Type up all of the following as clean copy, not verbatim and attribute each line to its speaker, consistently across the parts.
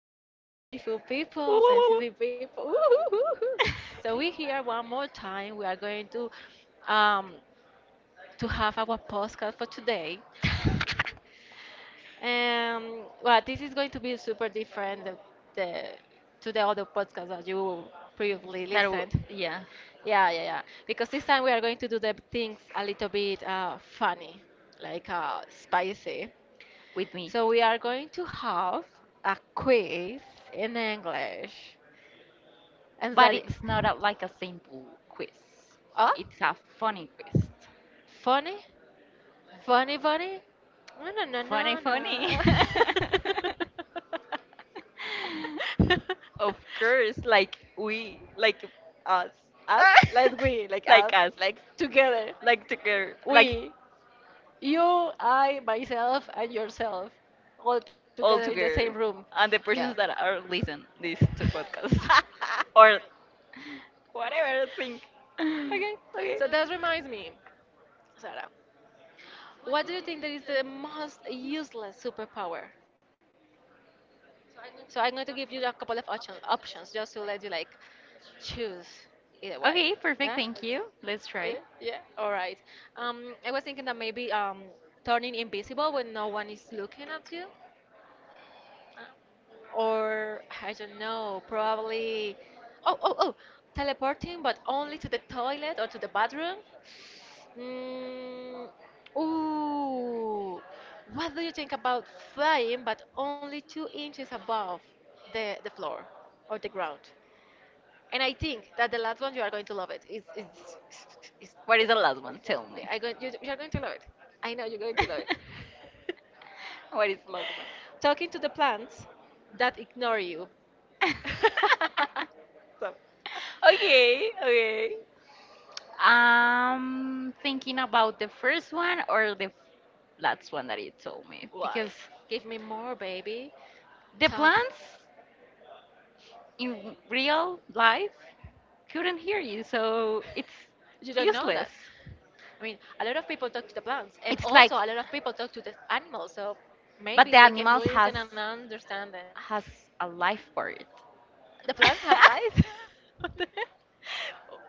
Speaker 1: people, beautiful people,
Speaker 2: That
Speaker 1: sensitive people. Woo-hoo-hoo-hoo. So we here one more time. We are going um to have our podcast for today. This is going to be super different the, to the other podcast that you previously listened.
Speaker 2: yeah,
Speaker 1: Yeah, yeah, yeah. Because this time we are going to do the things a little bit funny, like spicy.
Speaker 2: with me.
Speaker 1: So we are going to have a quiz in English. And
Speaker 2: But
Speaker 1: that
Speaker 2: it's not
Speaker 1: i-
Speaker 2: a, like a simple quiz.
Speaker 1: oh,
Speaker 2: It's a funny quiz.
Speaker 1: funny? Funny bunny? No, no, no,
Speaker 2: Funny,
Speaker 1: no,
Speaker 2: funny.
Speaker 1: no.
Speaker 2: Of course, like we, like us,
Speaker 1: Us, like we like
Speaker 2: like
Speaker 1: us
Speaker 2: us,
Speaker 1: like together.
Speaker 2: like together, like
Speaker 1: We, you, I, myself and yourself, all together in
Speaker 2: all
Speaker 1: the same
Speaker 2: together,
Speaker 1: room.
Speaker 2: and the
Speaker 1: Yeah.
Speaker 2: persons that are listen this to podcast or whatever thing.
Speaker 1: Okay,
Speaker 2: Okay.
Speaker 1: so that reminds me, Sarah, what do you think that is the most useless superpower? So I'm going to give you a couple of options, just to let you like choose either way.
Speaker 2: Okay, perfect.
Speaker 1: Yeah?
Speaker 2: Thank you. Let's try.
Speaker 1: Yeah, yeah. All right. I was thinking that maybe turning invisible when no one is looking at you, or I don't know, probably. Oh, oh, oh, teleporting, but only to the toilet or to the bathroom. Mm, ooh, what do you think about flying but only 2 inches above the floor or the ground? And I think that the last one you are going to love it. It's
Speaker 2: What is the last one? Tell
Speaker 1: the,
Speaker 2: me.
Speaker 1: I go, You are going to love it. I know you're going to love it.
Speaker 2: What is the last one?
Speaker 1: Talking to the plants that ignore you. So-
Speaker 2: Okay, okay. I'm thinking about the first one or the last one that you told me
Speaker 1: why?
Speaker 2: because
Speaker 1: Give me more, baby.
Speaker 2: the
Speaker 1: Talk.
Speaker 2: plants in real life couldn't hear you, so it's
Speaker 1: You don't know
Speaker 2: useless.
Speaker 1: that. I mean, a lot of people talk to the plants, and
Speaker 2: It's like,
Speaker 1: also a lot of people talk to the animals, so
Speaker 2: but
Speaker 1: maybe
Speaker 2: the
Speaker 1: they can
Speaker 2: animals has
Speaker 1: listen and understand them.
Speaker 2: has a life for it.
Speaker 1: The plants have life? What the heck?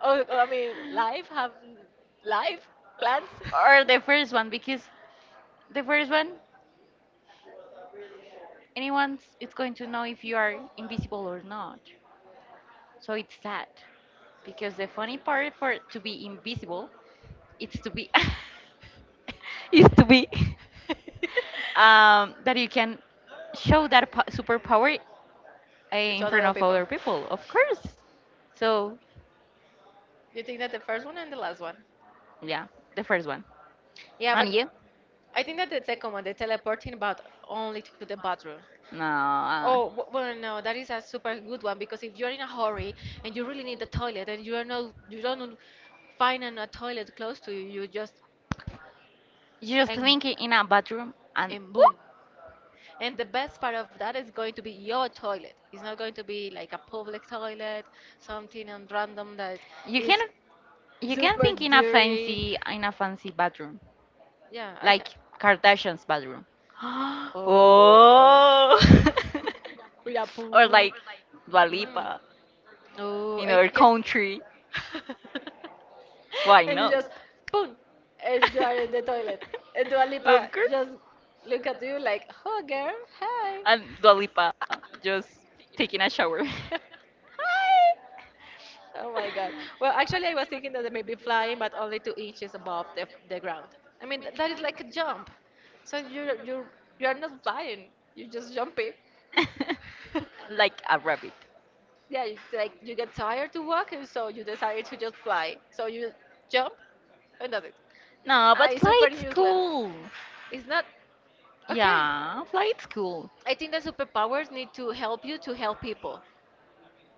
Speaker 1: Oh, oh, I mean, life have life plants.
Speaker 2: Or the first one because the first one, anyone is going to know if you are invisible or not. So it's sad because the funny part for to be invisible, it's to be, is to be that you can show that superpower in
Speaker 1: To
Speaker 2: front
Speaker 1: other
Speaker 2: of
Speaker 1: people.
Speaker 2: other people, of course. So
Speaker 1: You think that the first one and the last one?
Speaker 2: yeah, the first one.
Speaker 1: Yeah,
Speaker 2: And
Speaker 1: but
Speaker 2: you?
Speaker 1: I think that the second one, the teleporting, but only to the bathroom.
Speaker 2: No,
Speaker 1: Oh, w- well, no, that is a super good one because if you're in a hurry and you really need the toilet and you are not, you don't find a toilet
Speaker 2: an-
Speaker 1: close to you, you just
Speaker 2: you just
Speaker 1: and
Speaker 2: end up think in a bathroom and exactly
Speaker 1: and boom.
Speaker 2: whoop,
Speaker 1: And the best part of that is going to be your toilet. It's not going to be like a public toilet, something and random that
Speaker 2: you
Speaker 1: is
Speaker 2: can you can super
Speaker 1: super
Speaker 2: think in a dirty.
Speaker 1: dirty.
Speaker 2: Fancy in a fancy bathroom
Speaker 1: Yeah, I can.
Speaker 2: like Kardashian's bathroom.
Speaker 1: Oh,
Speaker 2: Oh,
Speaker 1: with a poo.
Speaker 2: or like Dua
Speaker 1: Mm.
Speaker 2: Lipa
Speaker 1: Oh,
Speaker 2: in
Speaker 1: I.
Speaker 2: our country. Why
Speaker 1: And you
Speaker 2: not?
Speaker 1: just boom, and you are in the toilet. And Dua Lipa
Speaker 2: Of course.
Speaker 1: just look at you like, "Oh, girl, hi."
Speaker 2: And Dua Lipa just taking a shower.
Speaker 1: Oh my god. Well, actually, I was thinking that they may be flying, but only 2 inches above the ground. I mean, th- that is like a jump. So you are not flying. You're just jumping.
Speaker 2: Hi! Like a rabbit.
Speaker 1: Yeah, you, like you get tired to walk, and so you decide to just fly. So you jump, and that's it.
Speaker 2: No,
Speaker 1: Ah,
Speaker 2: but
Speaker 1: it's super
Speaker 2: flight's
Speaker 1: useless.
Speaker 2: cool.
Speaker 1: It's not okay.
Speaker 2: Yeah, flight's cool.
Speaker 1: I think that superpowers need to help you to help people.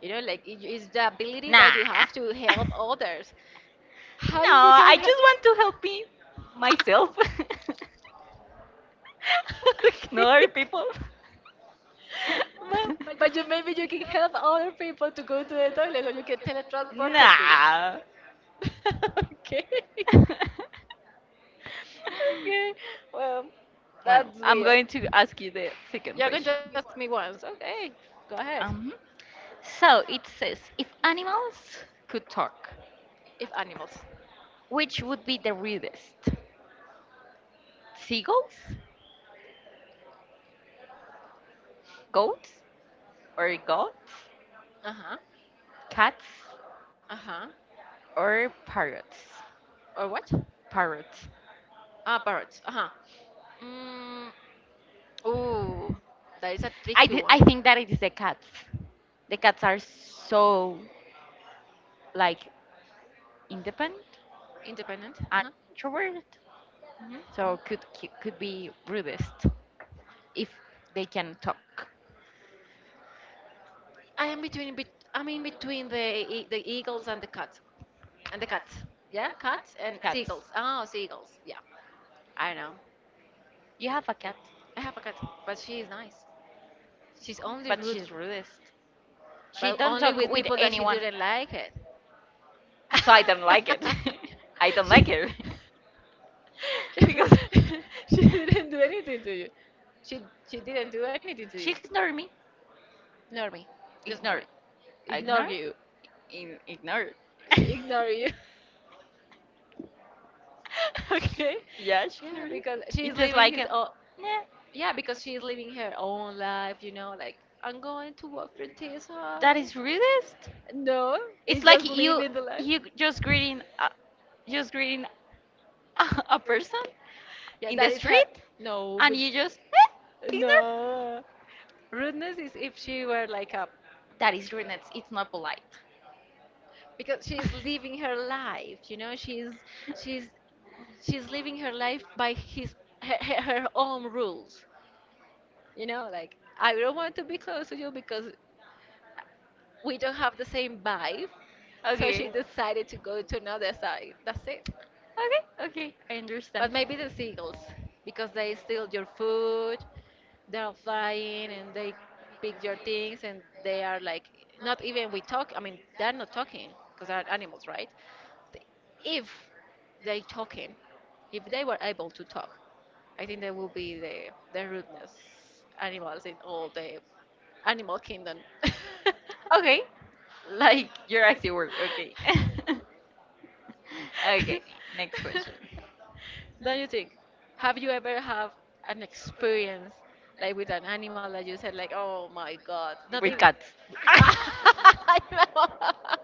Speaker 1: You know, like it's the ability
Speaker 2: Nah.
Speaker 1: that you have to help others. How
Speaker 2: No,
Speaker 1: you can
Speaker 2: I
Speaker 1: help
Speaker 2: just want to help me myself.
Speaker 1: myself? Okay.
Speaker 2: No other people.
Speaker 1: Well, but you maybe you can help other people to go to the toilet, or you can teletransport them
Speaker 2: Nah.
Speaker 1: to. Okay. Okay. Well,
Speaker 2: Well,
Speaker 1: that's
Speaker 2: I'm
Speaker 1: weird.
Speaker 2: going to ask you the second
Speaker 1: You're going to
Speaker 2: question.
Speaker 1: ask me once. Okay. Go ahead.
Speaker 2: Um, so it says, if animals could talk,
Speaker 1: If animals.
Speaker 2: which would be the rudest? Seagulls, goats, or goats,
Speaker 1: Uh huh.
Speaker 2: cats,
Speaker 1: Uh huh.
Speaker 2: or parrots?
Speaker 1: Or what?
Speaker 2: Parrots.
Speaker 1: Ah, birds. Uh huh. Mm, ooh, that is a tricky one.
Speaker 2: I think that it is the cats. The cats are so like independent
Speaker 1: Independent. Uh
Speaker 2: and
Speaker 1: huh.
Speaker 2: introvert,
Speaker 1: Hmm.
Speaker 2: so could be rudest if they can talk.
Speaker 1: I'm in between the eagles and the cat, and the cat.
Speaker 2: Cats.
Speaker 1: Yeah, cat and seagulls. Oh, seagulls. Yeah, I know.
Speaker 2: You have a cat,
Speaker 1: I have a cat, but she is nice. She's only
Speaker 2: but
Speaker 1: rude,
Speaker 2: she's rudest. She
Speaker 1: but
Speaker 2: don't
Speaker 1: only
Speaker 2: talk
Speaker 1: with
Speaker 2: with
Speaker 1: people that she
Speaker 2: anyone,
Speaker 1: didn't like it.
Speaker 2: like. So I don't like it. I don't like
Speaker 1: She-
Speaker 2: her because she did
Speaker 1: she didn't do anything to you. She she didn't do anything to you.
Speaker 2: ignore me.
Speaker 1: Ignore me. Just ignore
Speaker 2: Ignore.
Speaker 1: me. Ignore
Speaker 2: Ignore. Ignore.
Speaker 1: you.
Speaker 2: In, ignore.
Speaker 1: She ignore
Speaker 2: You.
Speaker 1: you. Okay,
Speaker 2: Yeah, she
Speaker 1: yeah,
Speaker 2: ignore you.
Speaker 1: because she
Speaker 2: It
Speaker 1: is
Speaker 2: is
Speaker 1: living
Speaker 2: like, thinking,
Speaker 1: his own.
Speaker 2: oh, nah,
Speaker 1: Yeah, because she is living her own life, you know, like I'm going to work for this
Speaker 2: that
Speaker 1: high.
Speaker 2: is rudest.
Speaker 1: No,
Speaker 2: It's
Speaker 1: it's
Speaker 2: like
Speaker 1: just living the life.
Speaker 2: you just greeting a person
Speaker 1: Yeah,
Speaker 2: in the
Speaker 1: that is her.
Speaker 2: street
Speaker 1: No,
Speaker 2: and
Speaker 1: but
Speaker 2: you just ignore.
Speaker 1: no, rudeness is if she were like a.
Speaker 2: That is rude. It's not polite.
Speaker 1: Because she is living her life, you know, she's she's living her life by his her, her own rules. You know, like I don't want to be close to you because we don't have the same vibe. So she
Speaker 2: Okay.
Speaker 1: decided to go to another side. That's it.
Speaker 2: Okay. Okay. I understand.
Speaker 1: But maybe the seagulls, because they steal your food, they're flying and they pick your things and they are like, not even we talk, I mean, they're not talking because they're animals, right? Th- if they talking, if they were able to talk, I think they will be the rudeness animals in all the animal kingdom.
Speaker 2: Okay, like
Speaker 1: Like,
Speaker 2: your active work. Okay. Okay, next question.
Speaker 1: don't you think? Have you ever have an experience like with an animal that you said like, oh my god,
Speaker 2: With
Speaker 1: not
Speaker 2: cats.
Speaker 1: even. I know.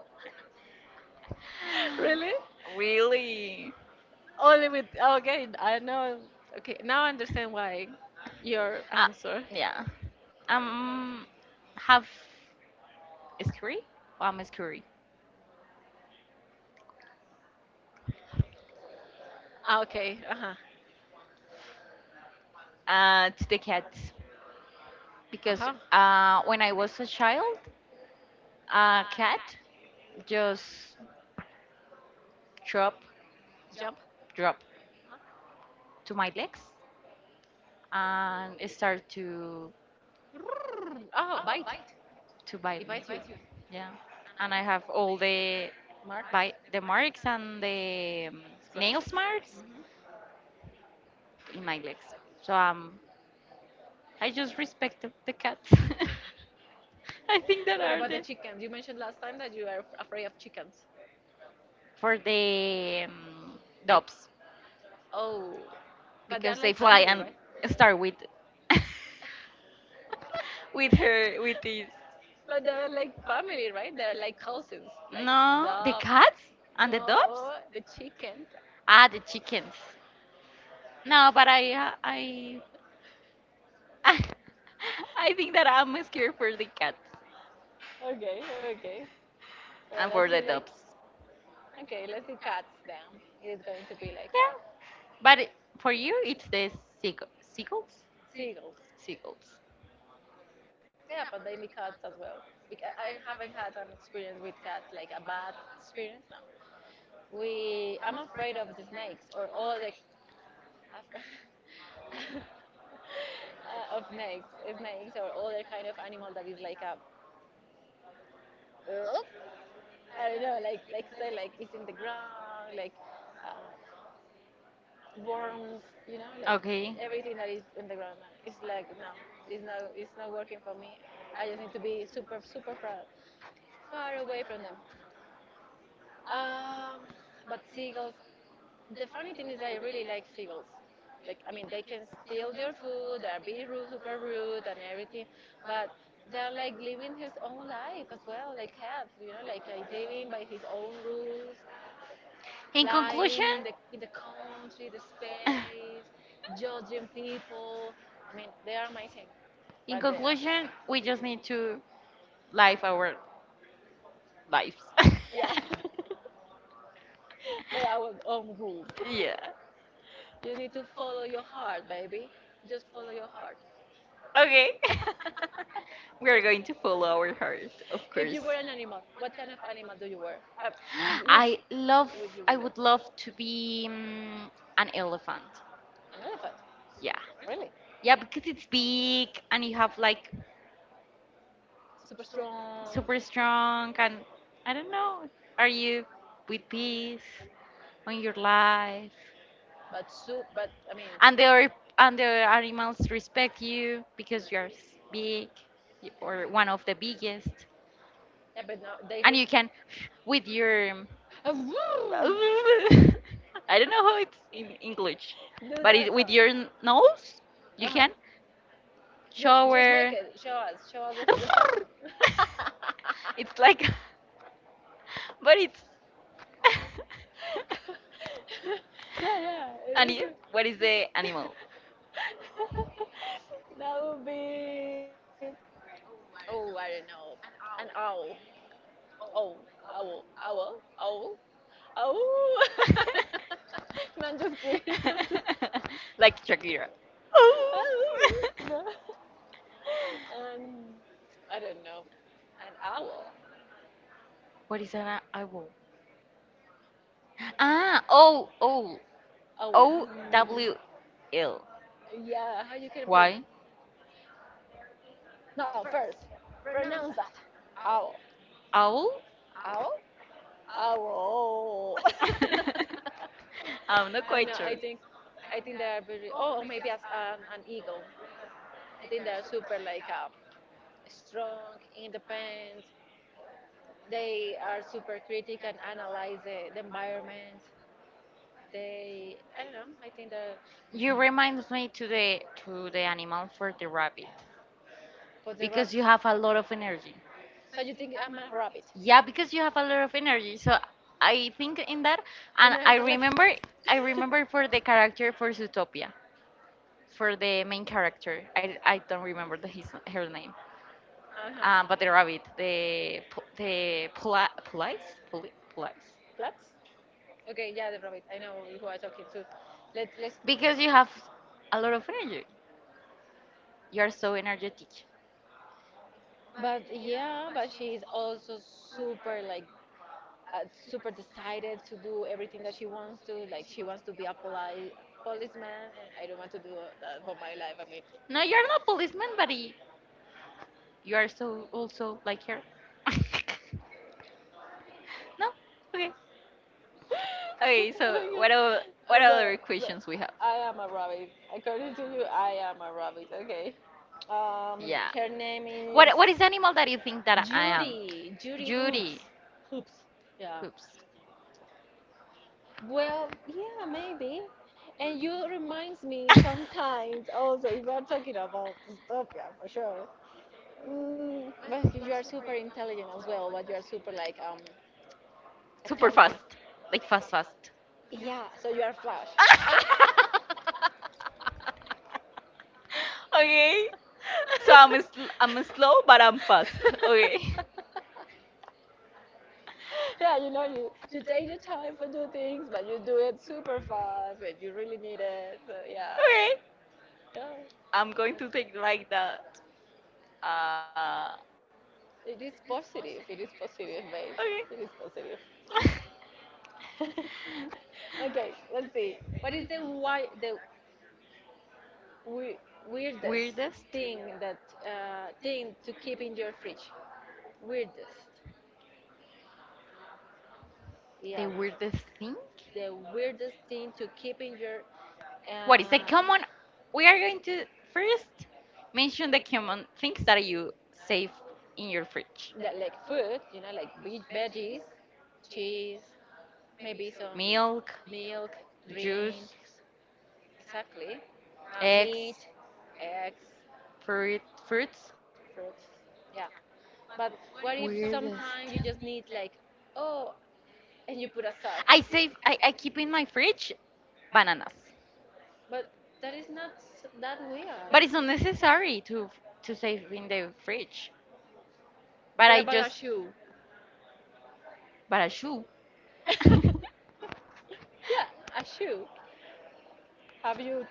Speaker 1: Really?
Speaker 2: Really?
Speaker 1: Only with, okay, I know. Okay, now I understand why your
Speaker 2: Uh,
Speaker 1: answer.
Speaker 2: yeah. Um, have a scurry? Am a scurry.
Speaker 1: Ah, okay, uh huh,
Speaker 2: To the cats
Speaker 1: uh huh.
Speaker 2: because when I was a child, a cat just drop
Speaker 1: Jump.
Speaker 2: drop to my legs and it started to
Speaker 1: Oh, bite.
Speaker 2: bite me.
Speaker 1: He bites you.
Speaker 2: Yeah, and I have all the
Speaker 1: Marks.
Speaker 2: bite the marks and the nails
Speaker 1: Scratches.
Speaker 2: marks
Speaker 1: Hmm.
Speaker 2: in my legs, so I just respect the cat. I think that
Speaker 1: And what
Speaker 2: are
Speaker 1: about the
Speaker 2: the
Speaker 1: chickens? You mentioned last time that you are afraid of chickens.
Speaker 2: for the doves
Speaker 1: Oh, but they're
Speaker 2: because they
Speaker 1: like
Speaker 2: fly
Speaker 1: family,
Speaker 2: and
Speaker 1: right?
Speaker 2: start with with her with this.
Speaker 1: But they're like family, right? They're like cousins, like
Speaker 2: No, the cats and the dogs?
Speaker 1: no, the chickens.
Speaker 2: Ah, the chickens. No, but I think that I'm scared for the cats
Speaker 1: Okay, okay. Well,
Speaker 2: and for
Speaker 1: let's see.
Speaker 2: the
Speaker 1: Like,
Speaker 2: dogs.
Speaker 1: okay, let's see. Cats. Then it's going to be like
Speaker 2: Yeah,
Speaker 1: a
Speaker 2: but it- for you, it's the seagulls.
Speaker 1: seagulls.
Speaker 2: Seagulls.
Speaker 1: Yeah, but they make cats as well. Because I haven't had an experience with cats, like a bad experience. No, we. I'm afraid of the snakes or all the. af- of snakes, snakes or other kind of animal that is like a. I don't know, like say like it's in the ground, like uh, worms, you know, like
Speaker 2: Okay.
Speaker 1: everything that is in the ground. No. It's like no, it's not working for me. I just need to be super far far away from them. Um, but seagulls, the funny thing is, I really like seagulls. Like, I mean, they can steal your food, they're be rude, super rude, and everything, but they're like living his own life as well, like cat, you know, like living by his own rules,
Speaker 2: In
Speaker 1: flying
Speaker 2: conclusion,
Speaker 1: in the country, the space, judging people. I mean, they are amazing,
Speaker 2: in
Speaker 1: but they are,
Speaker 2: conclusion, we just need to live our lives.
Speaker 1: yeah, by our own rules.
Speaker 2: Yeah.
Speaker 1: You need to follow your heart, baby. Just follow your heart.
Speaker 2: Okay. We are going to follow our heart, of
Speaker 1: If
Speaker 2: course.
Speaker 1: you were an animal, what kind of animal do you wear? Uh, which
Speaker 2: I
Speaker 1: I
Speaker 2: love.
Speaker 1: love would you
Speaker 2: I
Speaker 1: wear?
Speaker 2: would love to be an elephant.
Speaker 1: An elephant.
Speaker 2: Yeah.
Speaker 1: Really?
Speaker 2: Yeah, because it's big and you have like
Speaker 1: Super strong.
Speaker 2: super
Speaker 1: Super strong.
Speaker 2: strong and I don't know. Are you with peace on your life?
Speaker 1: But soup, but I mean,
Speaker 2: and the other and the other animals respect you because you're big or one of the biggest
Speaker 1: yeah, but now
Speaker 2: and
Speaker 1: they
Speaker 2: you
Speaker 1: risk.
Speaker 2: can with your
Speaker 1: Ah, vroom!
Speaker 2: I don't know how it's in English but
Speaker 1: Do
Speaker 2: it,
Speaker 1: that
Speaker 2: with
Speaker 1: sound.
Speaker 2: your nose you can
Speaker 1: Uh-huh. Yeah. Ju- just
Speaker 2: shower.
Speaker 1: make it. Show us. Show us the sound.
Speaker 2: It's like
Speaker 1: It's
Speaker 2: but it's
Speaker 1: yeah, yeah.
Speaker 2: and you
Speaker 1: It's,
Speaker 2: what is the animal?
Speaker 1: that would be oh I don't know, an owl, owl, owl, owl, owl, owl. No, I'm just kidding.
Speaker 2: Kidding.
Speaker 1: Owl.
Speaker 2: Like Shakira. Oh.
Speaker 1: No, um I don't know, an owl,
Speaker 2: What is that? I will. Ah, oh, oh,
Speaker 1: owl.
Speaker 2: oh, owl.
Speaker 1: Yeah, how you can pronounce.
Speaker 2: Why?
Speaker 1: No, first pronounce that. Owl,
Speaker 2: Owl?
Speaker 1: owl, owl.
Speaker 2: I'm not
Speaker 1: I don't
Speaker 2: quite
Speaker 1: know.
Speaker 2: sure.
Speaker 1: I think they are very. Oh, or maybe as an eagle. I think they are super like strong, independent. They are super critic and analyze the environment. They, I don't know. I think they're
Speaker 2: You remind me to the animal for the rabbit
Speaker 1: for the
Speaker 2: because
Speaker 1: rabbit.
Speaker 2: you have a lot of energy.
Speaker 1: So you think I'm a rabbit?
Speaker 2: Yeah, because you have a lot of energy. So I think in that,
Speaker 1: I
Speaker 2: and
Speaker 1: And I, I was like. Remember,
Speaker 2: I
Speaker 1: I remember.
Speaker 2: remember for the character for Zootopia, for the main character. I don't remember the, his her name,
Speaker 1: Uh-huh.
Speaker 2: but the rabbit, the police, police.
Speaker 1: Plants? Okay, yeah, the rabbit. I know who I'm talking to. Let let's. Because
Speaker 2: Because you
Speaker 1: you have.
Speaker 2: have a lot of energy. You are so energetic.
Speaker 1: But yeah, but she is also super like super decided to do everything that she wants to. Like she wants to be a polite policeman, and I don't want to do that for my life. I mean,
Speaker 2: No, you are not policeman, you are so also like her. No, okay. Okay, so
Speaker 1: okay. Uh,
Speaker 2: what
Speaker 1: so-
Speaker 2: other
Speaker 1: so
Speaker 2: questions we have?
Speaker 1: I am a rabbit. According to you, I am a rabbit. Okay.
Speaker 2: Yeah.
Speaker 1: Her name is
Speaker 2: What is the animal that you think that I am?
Speaker 1: Judy. Judy
Speaker 2: Judy.
Speaker 1: Hoops. Hoops. Yeah.
Speaker 2: Oops.
Speaker 1: Well, yeah, maybe. And you reminds me sometimes also if we're talking about dystopia for sure. Mm, but you are super intelligent as well, but you are super like
Speaker 2: Super fast.
Speaker 1: attentive.
Speaker 2: Like fast fast.
Speaker 1: Yeah, so you are flash.
Speaker 2: Okay. So I'm a slow but I'm fast. Okay.
Speaker 1: Yeah, you know, you take your time for do things, but you do it super fast when you really need it. So yeah,
Speaker 2: Okay.
Speaker 1: yeah,
Speaker 2: I'm going to take like that. Uh
Speaker 1: it is positive. It is positive, babe.
Speaker 2: okay.
Speaker 1: It is positive. Okay, let's see. What is the why the We- weirdest
Speaker 2: Weirdest?
Speaker 1: thing that thing to keep in your fridge. Weirdest. Yeah,
Speaker 2: The weirdest thing?
Speaker 1: the weirdest thing to keep in your. Uh,
Speaker 2: What is
Speaker 1: uh,
Speaker 2: the common? We are going to first mention the common things that you save in your fridge.
Speaker 1: that like food. You know, like veggies, cheese, maybe some
Speaker 2: Milk,
Speaker 1: milk,
Speaker 2: juice,
Speaker 1: drinks. Exactly. Meat,
Speaker 2: eggs,
Speaker 1: eggs,
Speaker 2: fruit, fruits.
Speaker 1: fruits. Yeah. But what if sometimes you
Speaker 2: Weirdest.
Speaker 1: just need like, oh, and you put a sock.
Speaker 2: I save. I keep in my fridge bananas,
Speaker 1: But that is not that weird. But
Speaker 2: but it's not necessary to save in the fridge.
Speaker 1: what
Speaker 2: But I
Speaker 1: about a
Speaker 2: just,
Speaker 1: shoe?
Speaker 2: but a shoe.
Speaker 1: Yeah, a shoe. Have you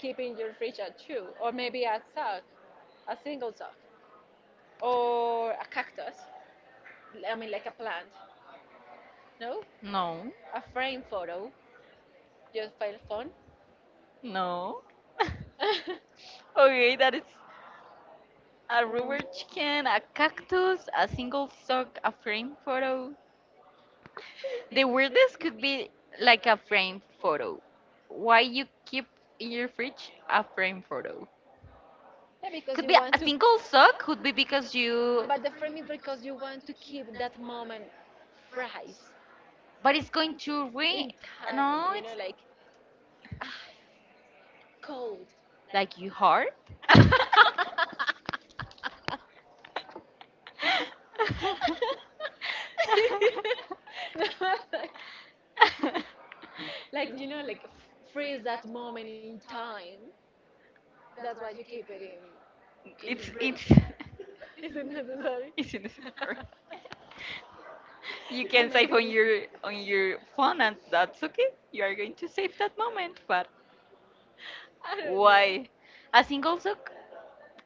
Speaker 1: keep in your fridge a shoe? Or maybe a sock, a single sock. Or a cactus. I mean, like a plant. No?
Speaker 2: No,
Speaker 1: A frame photo. Just file phone.
Speaker 2: no.
Speaker 1: a
Speaker 2: Okay, that is a rubber chicken, a cactus, a single sock, a frame photo. The weirdest could be like a frame photo. Why you keep in your fridge a frame photo?
Speaker 1: Yeah, because
Speaker 2: Could
Speaker 1: you maybe
Speaker 2: be
Speaker 1: want a
Speaker 2: a
Speaker 1: to.
Speaker 2: single
Speaker 1: Single
Speaker 2: sock,
Speaker 1: sock could
Speaker 2: could be
Speaker 1: be because
Speaker 2: because
Speaker 1: you.
Speaker 2: you.
Speaker 1: But the frame is because you want to keep that moment fresh. But
Speaker 2: But
Speaker 1: it's
Speaker 2: it's
Speaker 1: going
Speaker 2: going
Speaker 1: to in
Speaker 2: to rain.
Speaker 1: really. Time,
Speaker 2: No, it's
Speaker 1: like ah, it's cold.
Speaker 2: like you hard.
Speaker 1: No, like, like you know, like freeze that moment in time. That's why you keep it in your
Speaker 2: it's
Speaker 1: fridge.
Speaker 2: it's
Speaker 1: Is it necessary?
Speaker 2: it's in the store. You
Speaker 1: So
Speaker 2: can save
Speaker 1: maybe it is.
Speaker 2: on your phone and that's okay. You are going to save that moment, but
Speaker 1: I don't know.
Speaker 2: why? A single sock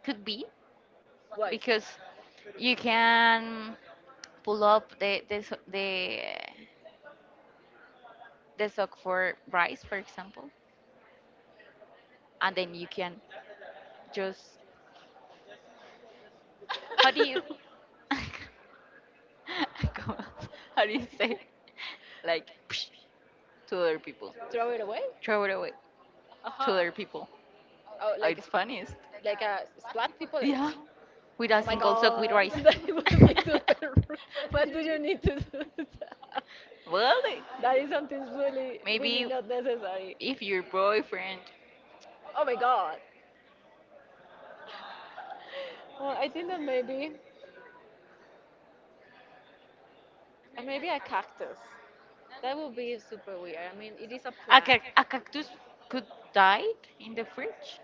Speaker 2: could be
Speaker 1: Why?
Speaker 2: because you can pull up the the sock for rice, for example, and then you can just how do you Como, how do you say? Like psh, to other people,
Speaker 1: Throw it away?
Speaker 2: throw it away to
Speaker 1: Aha.
Speaker 2: other people.
Speaker 1: Oh, like
Speaker 2: It's
Speaker 1: s-
Speaker 2: funniest.
Speaker 1: like a splat people like.
Speaker 2: Yeah, with a
Speaker 1: Oh my
Speaker 2: single sock with
Speaker 1: god,
Speaker 2: rice.
Speaker 1: that would be super rude. What do you need to do that?
Speaker 2: Well,
Speaker 1: That is something really, really
Speaker 2: maybe
Speaker 1: not necessary.
Speaker 2: if your boyfriend
Speaker 1: Oh my god. Well, I think that maybe, maybe a cactus. That would be super weird. I mean, it is a
Speaker 2: a,
Speaker 1: plant.
Speaker 2: a cactus could die in the fridge.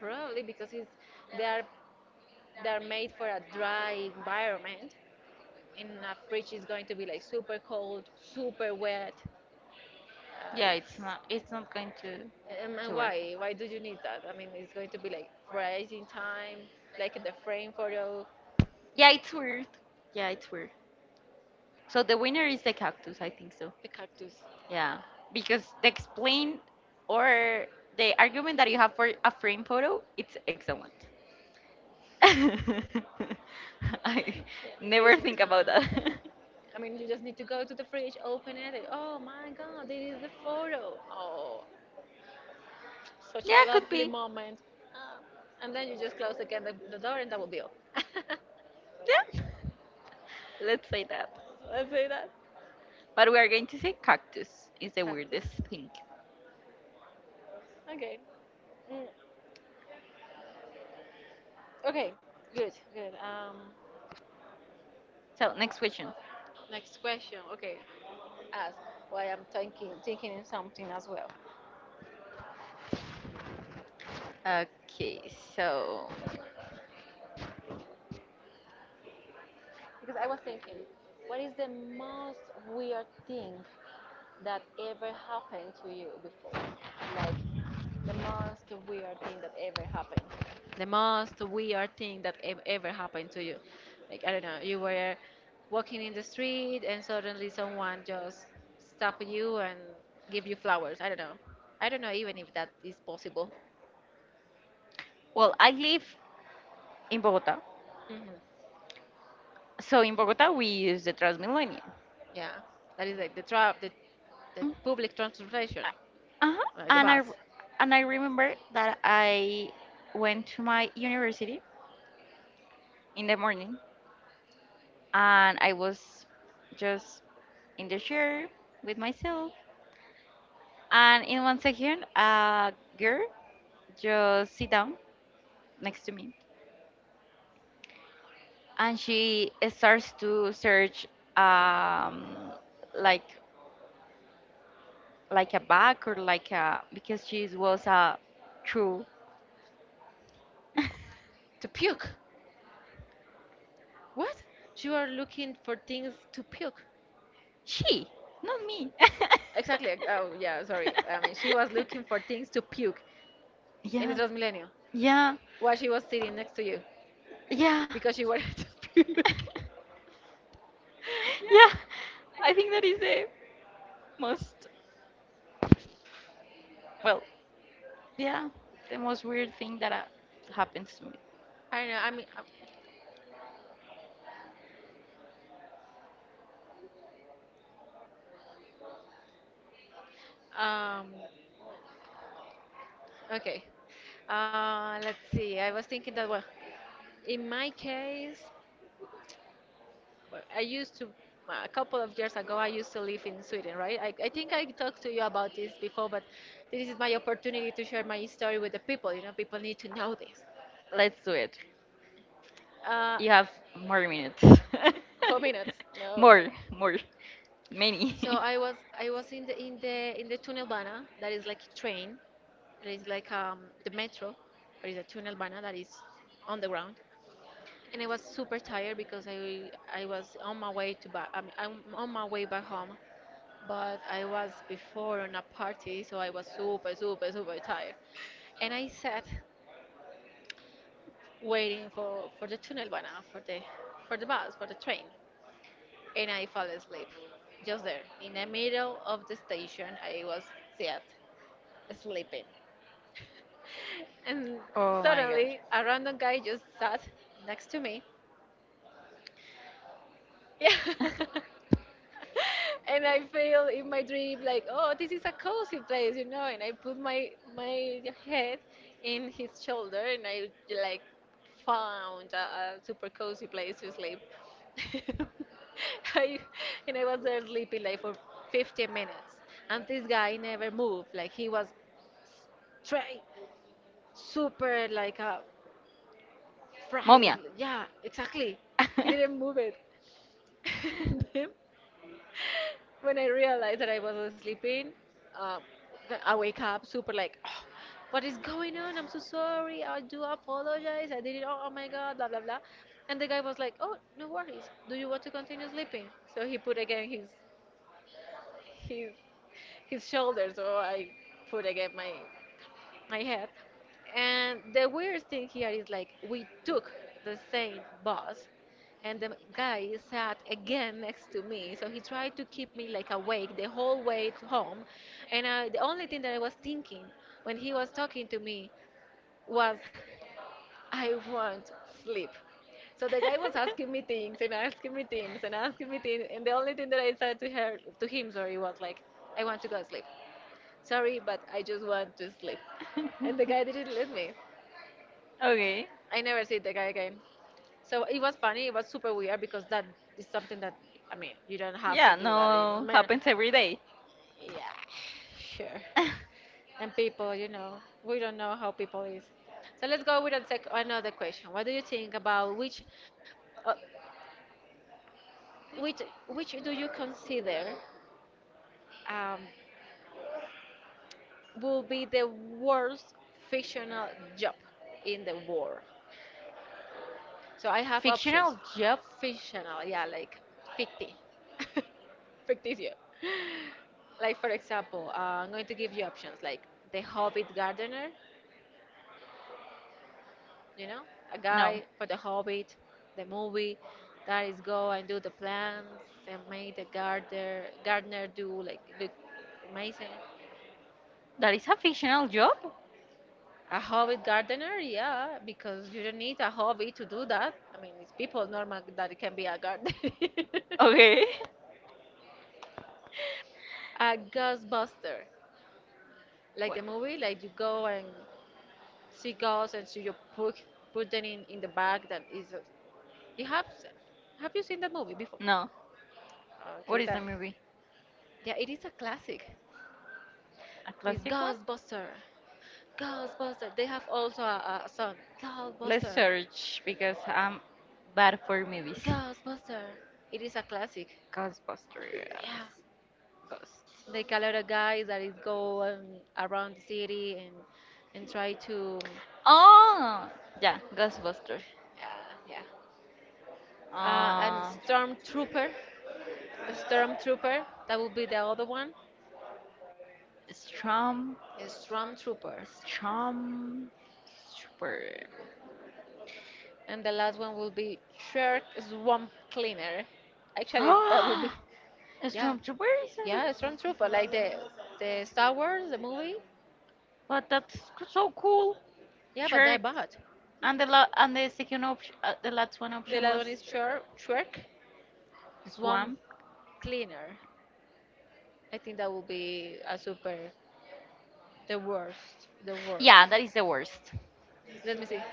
Speaker 1: Probably because it's they are they are made for a dry environment. In a fridge is going to be like super cold, super wet.
Speaker 2: Yeah,
Speaker 1: Uh,
Speaker 2: it's
Speaker 1: it's,
Speaker 2: not. It's not going to
Speaker 1: and
Speaker 2: work.
Speaker 1: why? Why do you need that? I mean, it's going to be like freezing time, like the frame photo,
Speaker 2: Yeah, it's weird. Yeah, it's weird. So the winner is the cactus. I think so.
Speaker 1: the cactus.
Speaker 2: Yeah,
Speaker 1: Yeah,
Speaker 2: because the explain or the argument that you have for a frame photo, it's excellent. I
Speaker 1: yeah, freezing
Speaker 2: never think
Speaker 1: time.
Speaker 2: about that.
Speaker 1: I mean, you just need to go to the fridge, open it, and oh my god, this is the photo. Oh, such a
Speaker 2: Yeah, could
Speaker 1: lovely
Speaker 2: be.
Speaker 1: moment. And then you just close again the door and that will be all.
Speaker 2: Yeah, let's say that.
Speaker 1: Let's say that.
Speaker 2: But we are going to say cactus is the
Speaker 1: Cactus.
Speaker 2: weirdest thing.
Speaker 1: Okay. Mm. Okay. Good. Good.
Speaker 2: So next question.
Speaker 1: Next question. Okay. Ask why I'm thinking in something as well.
Speaker 2: Okay, so
Speaker 1: Because I was thinking, what is the most weird thing that ever happened to you before? Like the most weird thing that ever happened. The most weird thing that ever happened to you. Like, I don't know, you were walking in the street and suddenly someone just stop you and give you flowers. I don't know. I don't know even if that is possible.
Speaker 2: well, I live in Bogota.
Speaker 1: Hmm.
Speaker 2: So in Bogota, we use the Transmilenio.
Speaker 1: Yeah. That is like the trap, the
Speaker 2: Mm.
Speaker 1: public transportation,
Speaker 2: Uh-huh.
Speaker 1: the
Speaker 2: And I
Speaker 1: bus.
Speaker 2: and I remember that I went to my university in the morning and I was just in the chair with myself and in 1 second a girl just sit down next to me and she starts to search um like a bag or like a because she was a true.
Speaker 1: To puke. What? You are looking for things to puke.
Speaker 2: She not me.
Speaker 1: Exactly. Oh, yeah, sorry. I mean, she was looking for things to puke in the
Speaker 2: yeah,
Speaker 1: Transmilenio.
Speaker 2: yeah,
Speaker 1: While she was sitting next to you
Speaker 2: yeah,
Speaker 1: because she wanted to puke. Yeah.
Speaker 2: yeah. I think that is the most, well, yeah, the most weird thing that happens to me.
Speaker 1: I know. I mean, um, okay. Let's see. I was thinking that well, in my case, well, I used to a couple of years ago. I used to live in Sweden, right? I think I talked to you about this before, but this is my opportunity to share my story with the people. You know, people need to know this.
Speaker 2: Let's do it.
Speaker 1: Uh,
Speaker 2: You have more minutes.
Speaker 1: four minutes. No.
Speaker 2: more, more,
Speaker 1: So
Speaker 2: many.
Speaker 1: I was in the in the Tunnelbana that is like a train. That is like the metro, or is a Tunnelbana that is on the ground. And I was super tired because I was on my way to back. I mean, I'm on my way back home, but I was before on a party, so I was super super super tired. And I sat waiting for the Tunnelbana for the bus for the train. And I fell asleep. Just there, in the middle of the station, I was sat sleeping. And
Speaker 2: Oh my god.
Speaker 1: suddenly, a random guy just sat next to me. Yeah. And I feel in my dream like, oh, this is a cozy place, you know. And I put my head in his shoulder, and I like found a super cozy place to sleep. I, and I was there sleeping like for 50 minutes, and this guy never moved. Like he was try super like a fries.
Speaker 2: Momia.
Speaker 1: Yeah, exactly. He didn't move it. When I realized that I was sleeping, uh, I wake up super like, "Oh, what is going on? I'm so sorry. I do apologize. I did it. Oh, oh my God, blah, blah, blah." And the guy was like, oh, no worries. Do you want to continue sleeping? So he put again his his shoulders. So I put again my I had. And the weirdest thing here is like we took the same bus and the guy sat again next to me. So he tried to keep me like awake the whole way to home. And I, the only thing that I was thinking when he was talking to me was I want sleep. So the guy was asking me things and asking me things and asking me things and the only thing that I said to her to him sorry was like I want to go sleep. Sorry, but I just want to sleep. And the guy didn't let me.
Speaker 2: Okay.
Speaker 1: I never see the guy again. So it was funny. It was super weird because that is something that I mean you don't have
Speaker 2: Yeah,
Speaker 1: to do that. In,
Speaker 2: no,
Speaker 1: man,
Speaker 2: happens every day.
Speaker 1: yeah, sure. And people, you know, we don't know how people is. So let's go with a another question. What do you think about which, uh, which, which do you consider um, will be the worst fictional job in the world? So I have options.
Speaker 2: Fictional job?
Speaker 1: Fictional, yeah, like ficti. Ficticio. Like for example, I'm going to give you options like The Hobbit Gardener, you know, a
Speaker 2: No.
Speaker 1: guy for The Hobbit, the movie that is go and do the plants and make the gardener do like look amazing.
Speaker 2: That is a fictional job?
Speaker 1: A hobbit gardener, yeah, because you don't need a hobby to do that. I mean, it's people normal that it can be a gardener.
Speaker 2: Okay.
Speaker 1: A Ghostbuster, like
Speaker 2: What?
Speaker 1: the movie, like you go and see ghosts and so you put put them in the bag that is. You have you seen that movie before?
Speaker 2: No. What
Speaker 1: Okay,
Speaker 2: is the
Speaker 1: that
Speaker 2: movie?
Speaker 1: yeah, it is a classic.
Speaker 2: A
Speaker 1: It's
Speaker 2: classic one?
Speaker 1: Ghostbuster, Ghostbuster. They have also a song,
Speaker 2: Let's
Speaker 1: Ghostbuster,
Speaker 2: search because I'm bad for movies.
Speaker 1: Ghostbuster. It is a classic.
Speaker 2: Ghostbusters.
Speaker 1: Yeah,
Speaker 2: Ghosts.
Speaker 1: they call out a guy that is go around the city and try to
Speaker 2: Oh, yeah, Ghostbuster.
Speaker 1: yeah. And
Speaker 2: Uh,
Speaker 1: stormtrooper. A stormtrooper, that will be the other one.
Speaker 2: Strom.
Speaker 1: A stormtrooper.
Speaker 2: Stormtrooper.
Speaker 1: And the last one will be shark swamp cleaner. Actually, that will be,
Speaker 2: Ah,
Speaker 1: yeah,
Speaker 2: Stormtrooper is in
Speaker 1: yeah, a
Speaker 2: the.
Speaker 1: stormtrooper, like the Star Wars, the movie.
Speaker 2: But that's so cool.
Speaker 1: Yeah, but they're
Speaker 2: Shark.
Speaker 1: bad.
Speaker 2: And the second option, the last one
Speaker 1: The
Speaker 2: option
Speaker 1: last
Speaker 2: was
Speaker 1: one is shark, shark swamp
Speaker 2: swamp.
Speaker 1: cleaner. I think that will be a super, the worst, the worst.
Speaker 2: Yeah, that is the worst.
Speaker 1: Let me see.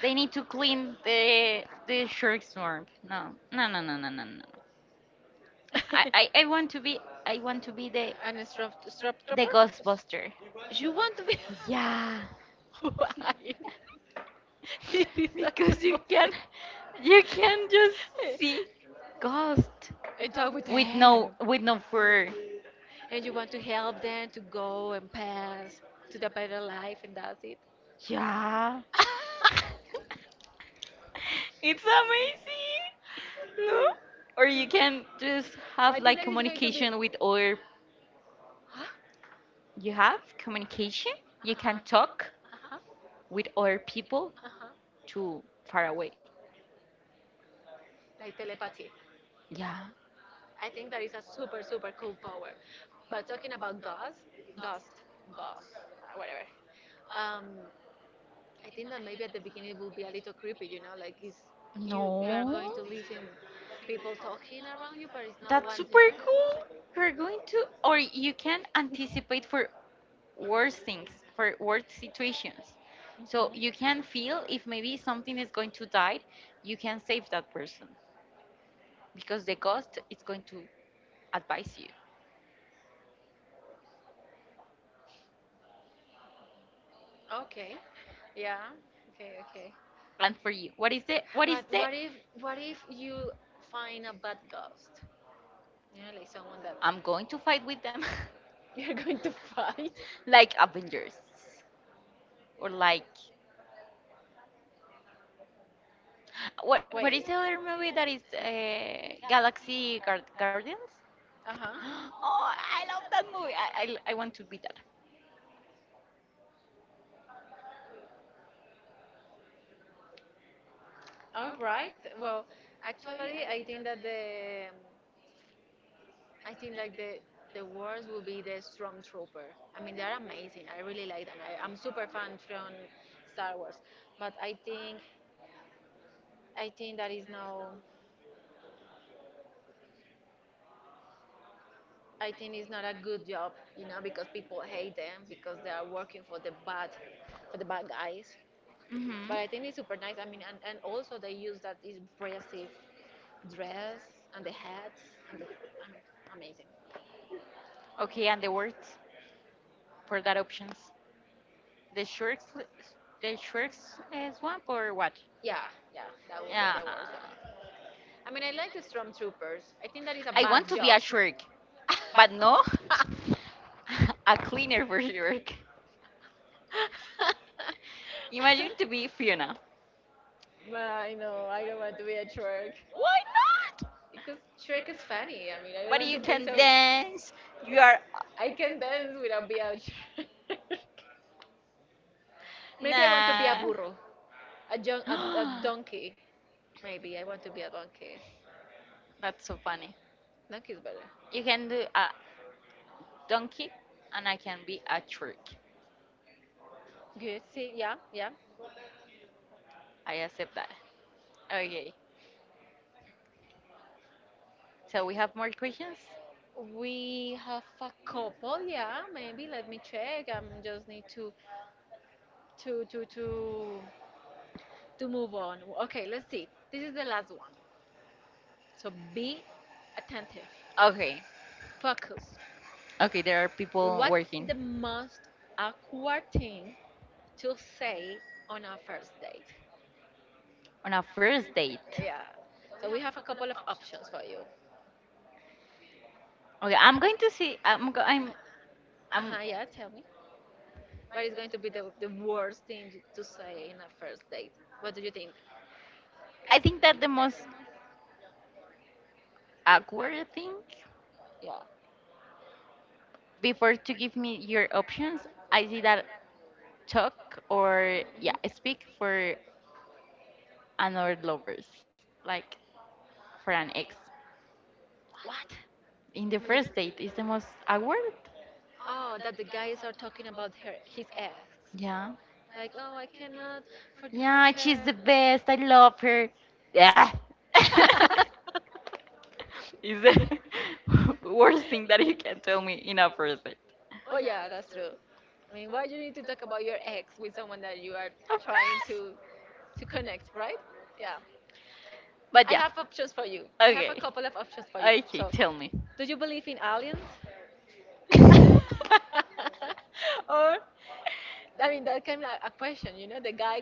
Speaker 2: They need to clean the shark swamp. No, no. I want to be the
Speaker 1: And a strap the
Speaker 2: Ghostbuster.
Speaker 1: you want to be?
Speaker 2: Yeah,
Speaker 1: Why? It is a you can,
Speaker 2: because you can
Speaker 1: cosmopolitan.
Speaker 2: just
Speaker 1: just
Speaker 2: see ghost
Speaker 1: and talk with
Speaker 2: with no
Speaker 1: them.
Speaker 2: fur.
Speaker 1: And you want to help them to go and pass to the better life, and that's it.
Speaker 2: Yeah. It's amazing. No?
Speaker 1: Really?
Speaker 2: Or you can just have
Speaker 1: I think
Speaker 2: like
Speaker 1: that is going to be.
Speaker 2: communication with other
Speaker 1: Huh?
Speaker 2: you have communication.
Speaker 1: Uh
Speaker 2: You can
Speaker 1: huh.
Speaker 2: talk
Speaker 1: Uh huh.
Speaker 2: with other people
Speaker 1: Uh huh.
Speaker 2: to far away.
Speaker 1: Like telepathy.
Speaker 2: Yeah.
Speaker 1: I think that is a super, super cool power. But talking about ghost, ghost, ghost, whatever. Um, I think that maybe at the beginning it will be a little creepy, you know, like it's you are going to listen people talking around you, but it's no
Speaker 2: That's
Speaker 1: one
Speaker 2: super
Speaker 1: there.
Speaker 2: cool. We're going to, or you can anticipate for worse things, for worse situations. So you can
Speaker 1: Mhm.
Speaker 2: feel if maybe something is going to die, you can save that person because the ghost is going to advise you
Speaker 1: Okay. Yeah. Okay. Okay.
Speaker 2: and for you.
Speaker 1: But what if you find a bad ghost? You know, like someone that
Speaker 2: I'm going to fight with them.
Speaker 1: you're going to fight?
Speaker 2: Like Avengers or like what is the
Speaker 1: Wait.
Speaker 2: other movie that is
Speaker 1: Guard?
Speaker 2: Galaxy Guardians?
Speaker 1: Uh-huh.
Speaker 2: Oh, I love that movie. I want to be that.
Speaker 1: All right. Well, actually, I think that the I think like the worst will be the Stormtrooper. I mean, they're amazing. I really like them. I'm super fan from Star Wars, but I think that is no. I think it's not a good job, you know, because people hate them because they are working for the bad guys. But
Speaker 2: Hmm.
Speaker 1: I think it's super nice. I mean, and also they use that impressive dress and the hats and the, I mean, amazing.
Speaker 2: Okay, and the words for that options. The sharks, the sharks swamp or what?
Speaker 1: Yeah, yeah, that would be the
Speaker 2: Yeah.
Speaker 1: worst one. I mean, I like the stormtroopers. I think that is a
Speaker 2: I
Speaker 1: bad
Speaker 2: want
Speaker 1: want
Speaker 2: to be
Speaker 1: job.
Speaker 2: a shark, but no, a cleaner for shark. Imagine to be Fiona.
Speaker 1: Well, I know, I don't want to be a Shrek.
Speaker 2: Why not?
Speaker 1: Because Shrek is funny. I mean, I don't
Speaker 2: But
Speaker 1: want
Speaker 2: you
Speaker 1: to be
Speaker 2: can
Speaker 1: so.
Speaker 2: dance. You are
Speaker 1: I can dance without being a Shrek. Maybe I want to be a
Speaker 2: nah.
Speaker 1: burro, a, a donkey. Maybe I want to be a donkey.
Speaker 2: That's so funny.
Speaker 1: Donkey is better.
Speaker 2: You can do a donkey, and I can be a trick.
Speaker 1: Good. See, yeah, yeah.
Speaker 2: I accept that. Okay. So we have more questions.
Speaker 1: We have a couple. Yeah, maybe. Let me check. I am just need to to to to to move on. Okay, let's see. This is the last one. So be attentive.
Speaker 2: Okay.
Speaker 1: Focus.
Speaker 2: Okay. There are people
Speaker 1: What's
Speaker 2: working
Speaker 1: the most awkward thing to say on a first date?
Speaker 2: on a first date.
Speaker 1: Yeah. So we have a couple of options for you.
Speaker 2: Okay.
Speaker 1: I'm
Speaker 2: I'm
Speaker 1: going
Speaker 2: going
Speaker 1: to
Speaker 2: to
Speaker 1: see.
Speaker 2: see. I'm.
Speaker 1: I'm
Speaker 2: Go,
Speaker 1: going.
Speaker 2: I'm.
Speaker 1: Uh
Speaker 2: I'm.
Speaker 1: huh. Yeah. Tell me. What is going to be the worst thing to say in a first date? What do you think?
Speaker 2: I think that the most awkward thing
Speaker 1: Yeah.
Speaker 2: before to give me your options, I see that talk or
Speaker 1: Mhm.
Speaker 2: yeah speak for another lovers like for an ex
Speaker 1: What?
Speaker 2: in the
Speaker 1: I mean,
Speaker 2: first date is the most awkward.
Speaker 1: oh, that the guys are talking about her, his ex.
Speaker 2: Yeah,
Speaker 1: Like, oh, I cannot forget
Speaker 2: yeah she's the best, I love her. Yeah.
Speaker 1: her.
Speaker 2: Is the worst thing that you can tell me in a first date,
Speaker 1: Oh yeah, that's true. I mean, why do you need to talk about your ex with someone that you are
Speaker 2: of
Speaker 1: trying
Speaker 2: course,
Speaker 1: to connect, right? Yeah.
Speaker 2: but
Speaker 1: I
Speaker 2: yeah.
Speaker 1: have options for you. I have a
Speaker 2: Okay,
Speaker 1: couple of options for you.
Speaker 2: okay,
Speaker 1: So,
Speaker 2: tell me.
Speaker 1: do you believe in aliens? Or I mean, that can be a question. You know, the guy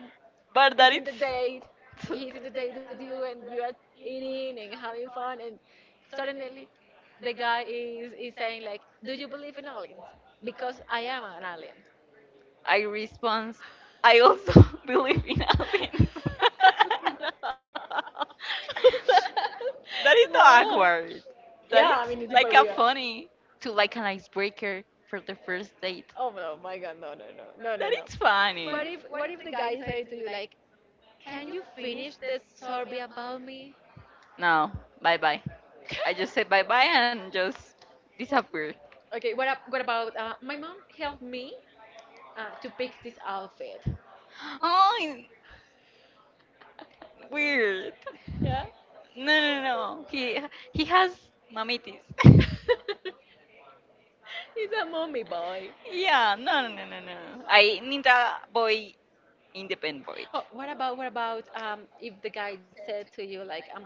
Speaker 2: But that
Speaker 1: is in the
Speaker 2: it's.
Speaker 1: date. He's in the date with you, and you are eating and having fun, and suddenly the guy is saying like, "Do you believe in aliens? Because I am an alien."
Speaker 2: I response. I also believe in aliens.
Speaker 1: No.
Speaker 2: That is not
Speaker 1: No.
Speaker 2: awkward. That
Speaker 1: Yeah, I
Speaker 2: is
Speaker 1: mean it's
Speaker 2: like
Speaker 1: super
Speaker 2: a
Speaker 1: weird.
Speaker 2: funny. To like an icebreaker for the first date.
Speaker 1: Oh no, my God, no, no, no, no, no,
Speaker 2: That
Speaker 1: no.
Speaker 2: it's
Speaker 1: What
Speaker 2: funny.
Speaker 1: if what if the guy say to you like, "Can you finish the survey about me?"
Speaker 2: No, bye bye. I just say bye bye and just disappear.
Speaker 1: Okay, what about my mom helped me to pick this outfit.
Speaker 2: Oh, weird.
Speaker 1: Yeah.
Speaker 2: No. He has mamitis.
Speaker 1: He's a mommy boy.
Speaker 2: Yeah, no. I need a boy independent boy.
Speaker 1: Oh, what about if the guide said to you like,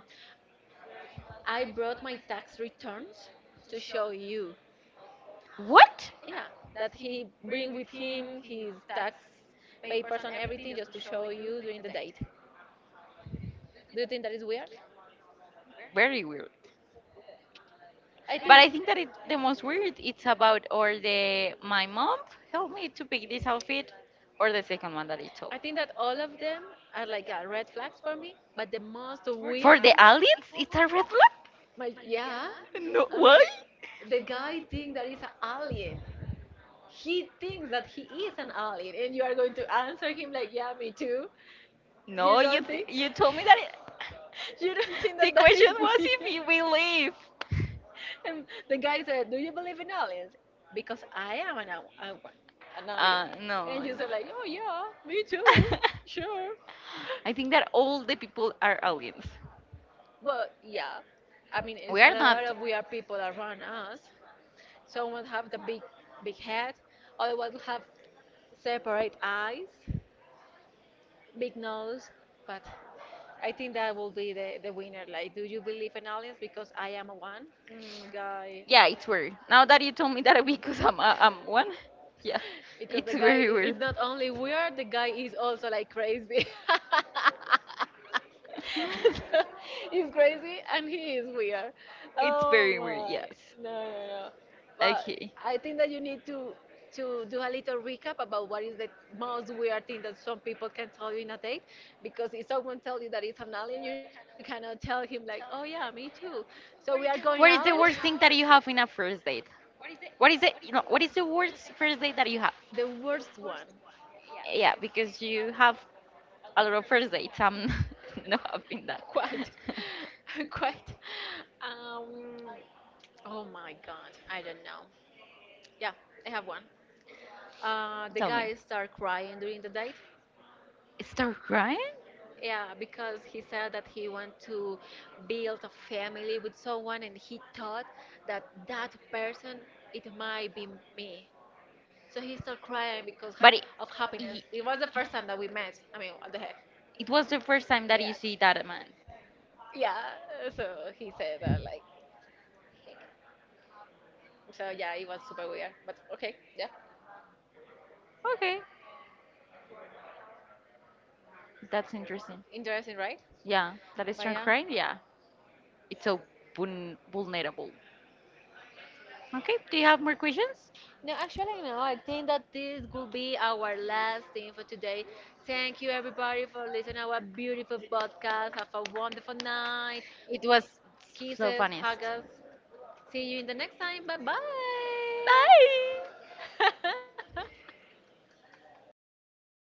Speaker 1: I brought my tax returns to show you.
Speaker 2: What?
Speaker 1: Yeah, that he bring with him his tax papers and everything just to show you during the date. Do you think that is weird?
Speaker 2: Very weird.
Speaker 1: I
Speaker 2: But
Speaker 1: think.
Speaker 2: I think that it, the most weird it's about or the my mom helped me to pick this outfit or the second one that I
Speaker 1: I
Speaker 2: told.
Speaker 1: think that all of them are like red flags for me, but the most weird.
Speaker 2: For the aliens, it's a red flag.
Speaker 1: My yeah,
Speaker 2: No,
Speaker 1: I mean,
Speaker 2: why?
Speaker 1: the guy thinks that he's an alien. He thinks that he is an alien, and you are going to answer him like, "Yeah, me too." You
Speaker 2: No,
Speaker 1: don't think?
Speaker 2: you told me that. It,
Speaker 1: You don't think
Speaker 2: the
Speaker 1: that that
Speaker 2: question
Speaker 1: is
Speaker 2: was
Speaker 1: weird?
Speaker 2: if you believe.
Speaker 1: And the guy said, "Do you believe in aliens? Because I am an al- a one, an alien."
Speaker 2: No.
Speaker 1: And you said like, "Oh yeah, me too, sure."
Speaker 2: I think that all the people are aliens.
Speaker 1: But yeah, I mean, it's
Speaker 2: We
Speaker 1: a
Speaker 2: are not.
Speaker 1: lot of weird people around us. Some will have the big, big head. Other ones will have separate eyes, big nose. But I think that will be the winner. Like, do you believe in aliens? Because I am one. Guy.
Speaker 2: Yeah, it's weird. Now that you told me that because I'm one, yeah,
Speaker 1: Because
Speaker 2: it's very
Speaker 1: is
Speaker 2: weird.
Speaker 1: not only weird, the guy is also like crazy. So, he's crazy and he is weird.
Speaker 2: It's
Speaker 1: Oh
Speaker 2: very weird.
Speaker 1: my.
Speaker 2: Yes.
Speaker 1: No, no, no. But
Speaker 2: Okay.
Speaker 1: I think that you need to do a little recap about what is the most weird thing that some people can tell you in a date, because if someone tells you that it's an alien you cannot tell him like, oh yeah, me too, so
Speaker 2: What
Speaker 1: we
Speaker 2: is
Speaker 1: are
Speaker 2: the
Speaker 1: going
Speaker 2: worst thing
Speaker 1: out.
Speaker 2: that you have in a first date? What is it? You know, what is the worst first date that you have?
Speaker 1: The worst one.
Speaker 2: Yeah, because you have a lot of first dates. I'm not having that.
Speaker 1: Quite, quite. Um, oh my God, I don't know. Yeah, I have one. The
Speaker 2: Tell me.
Speaker 1: guy started crying during the date.
Speaker 2: Start crying?
Speaker 1: Yeah, because he said that he want to build a family with someone, and he thought that that person it might be me. So he started crying because
Speaker 2: But
Speaker 1: of happiness.
Speaker 2: it,
Speaker 1: It was the first time that we met. I mean, what the heck?
Speaker 2: it was the first time that
Speaker 1: Yeah.
Speaker 2: you see that man.
Speaker 1: Yeah, so he said that like, so yeah, it was super weird, but okay, yeah,
Speaker 2: Okay, that's interesting.
Speaker 1: interesting, right?
Speaker 2: Yeah, that is
Speaker 1: But
Speaker 2: strong
Speaker 1: yeah.
Speaker 2: crying. Yeah, it's so vulnerable. Okay, do you have more questions?
Speaker 1: No, actually, no. I think that this will be our last thing for today. Thank you, everybody, for listening to our beautiful podcast. Have a wonderful night.
Speaker 2: It was so
Speaker 1: Kisses,
Speaker 2: funniest.
Speaker 1: hugs. See you in the next time. Bye bye.
Speaker 2: Bye!
Speaker 1: My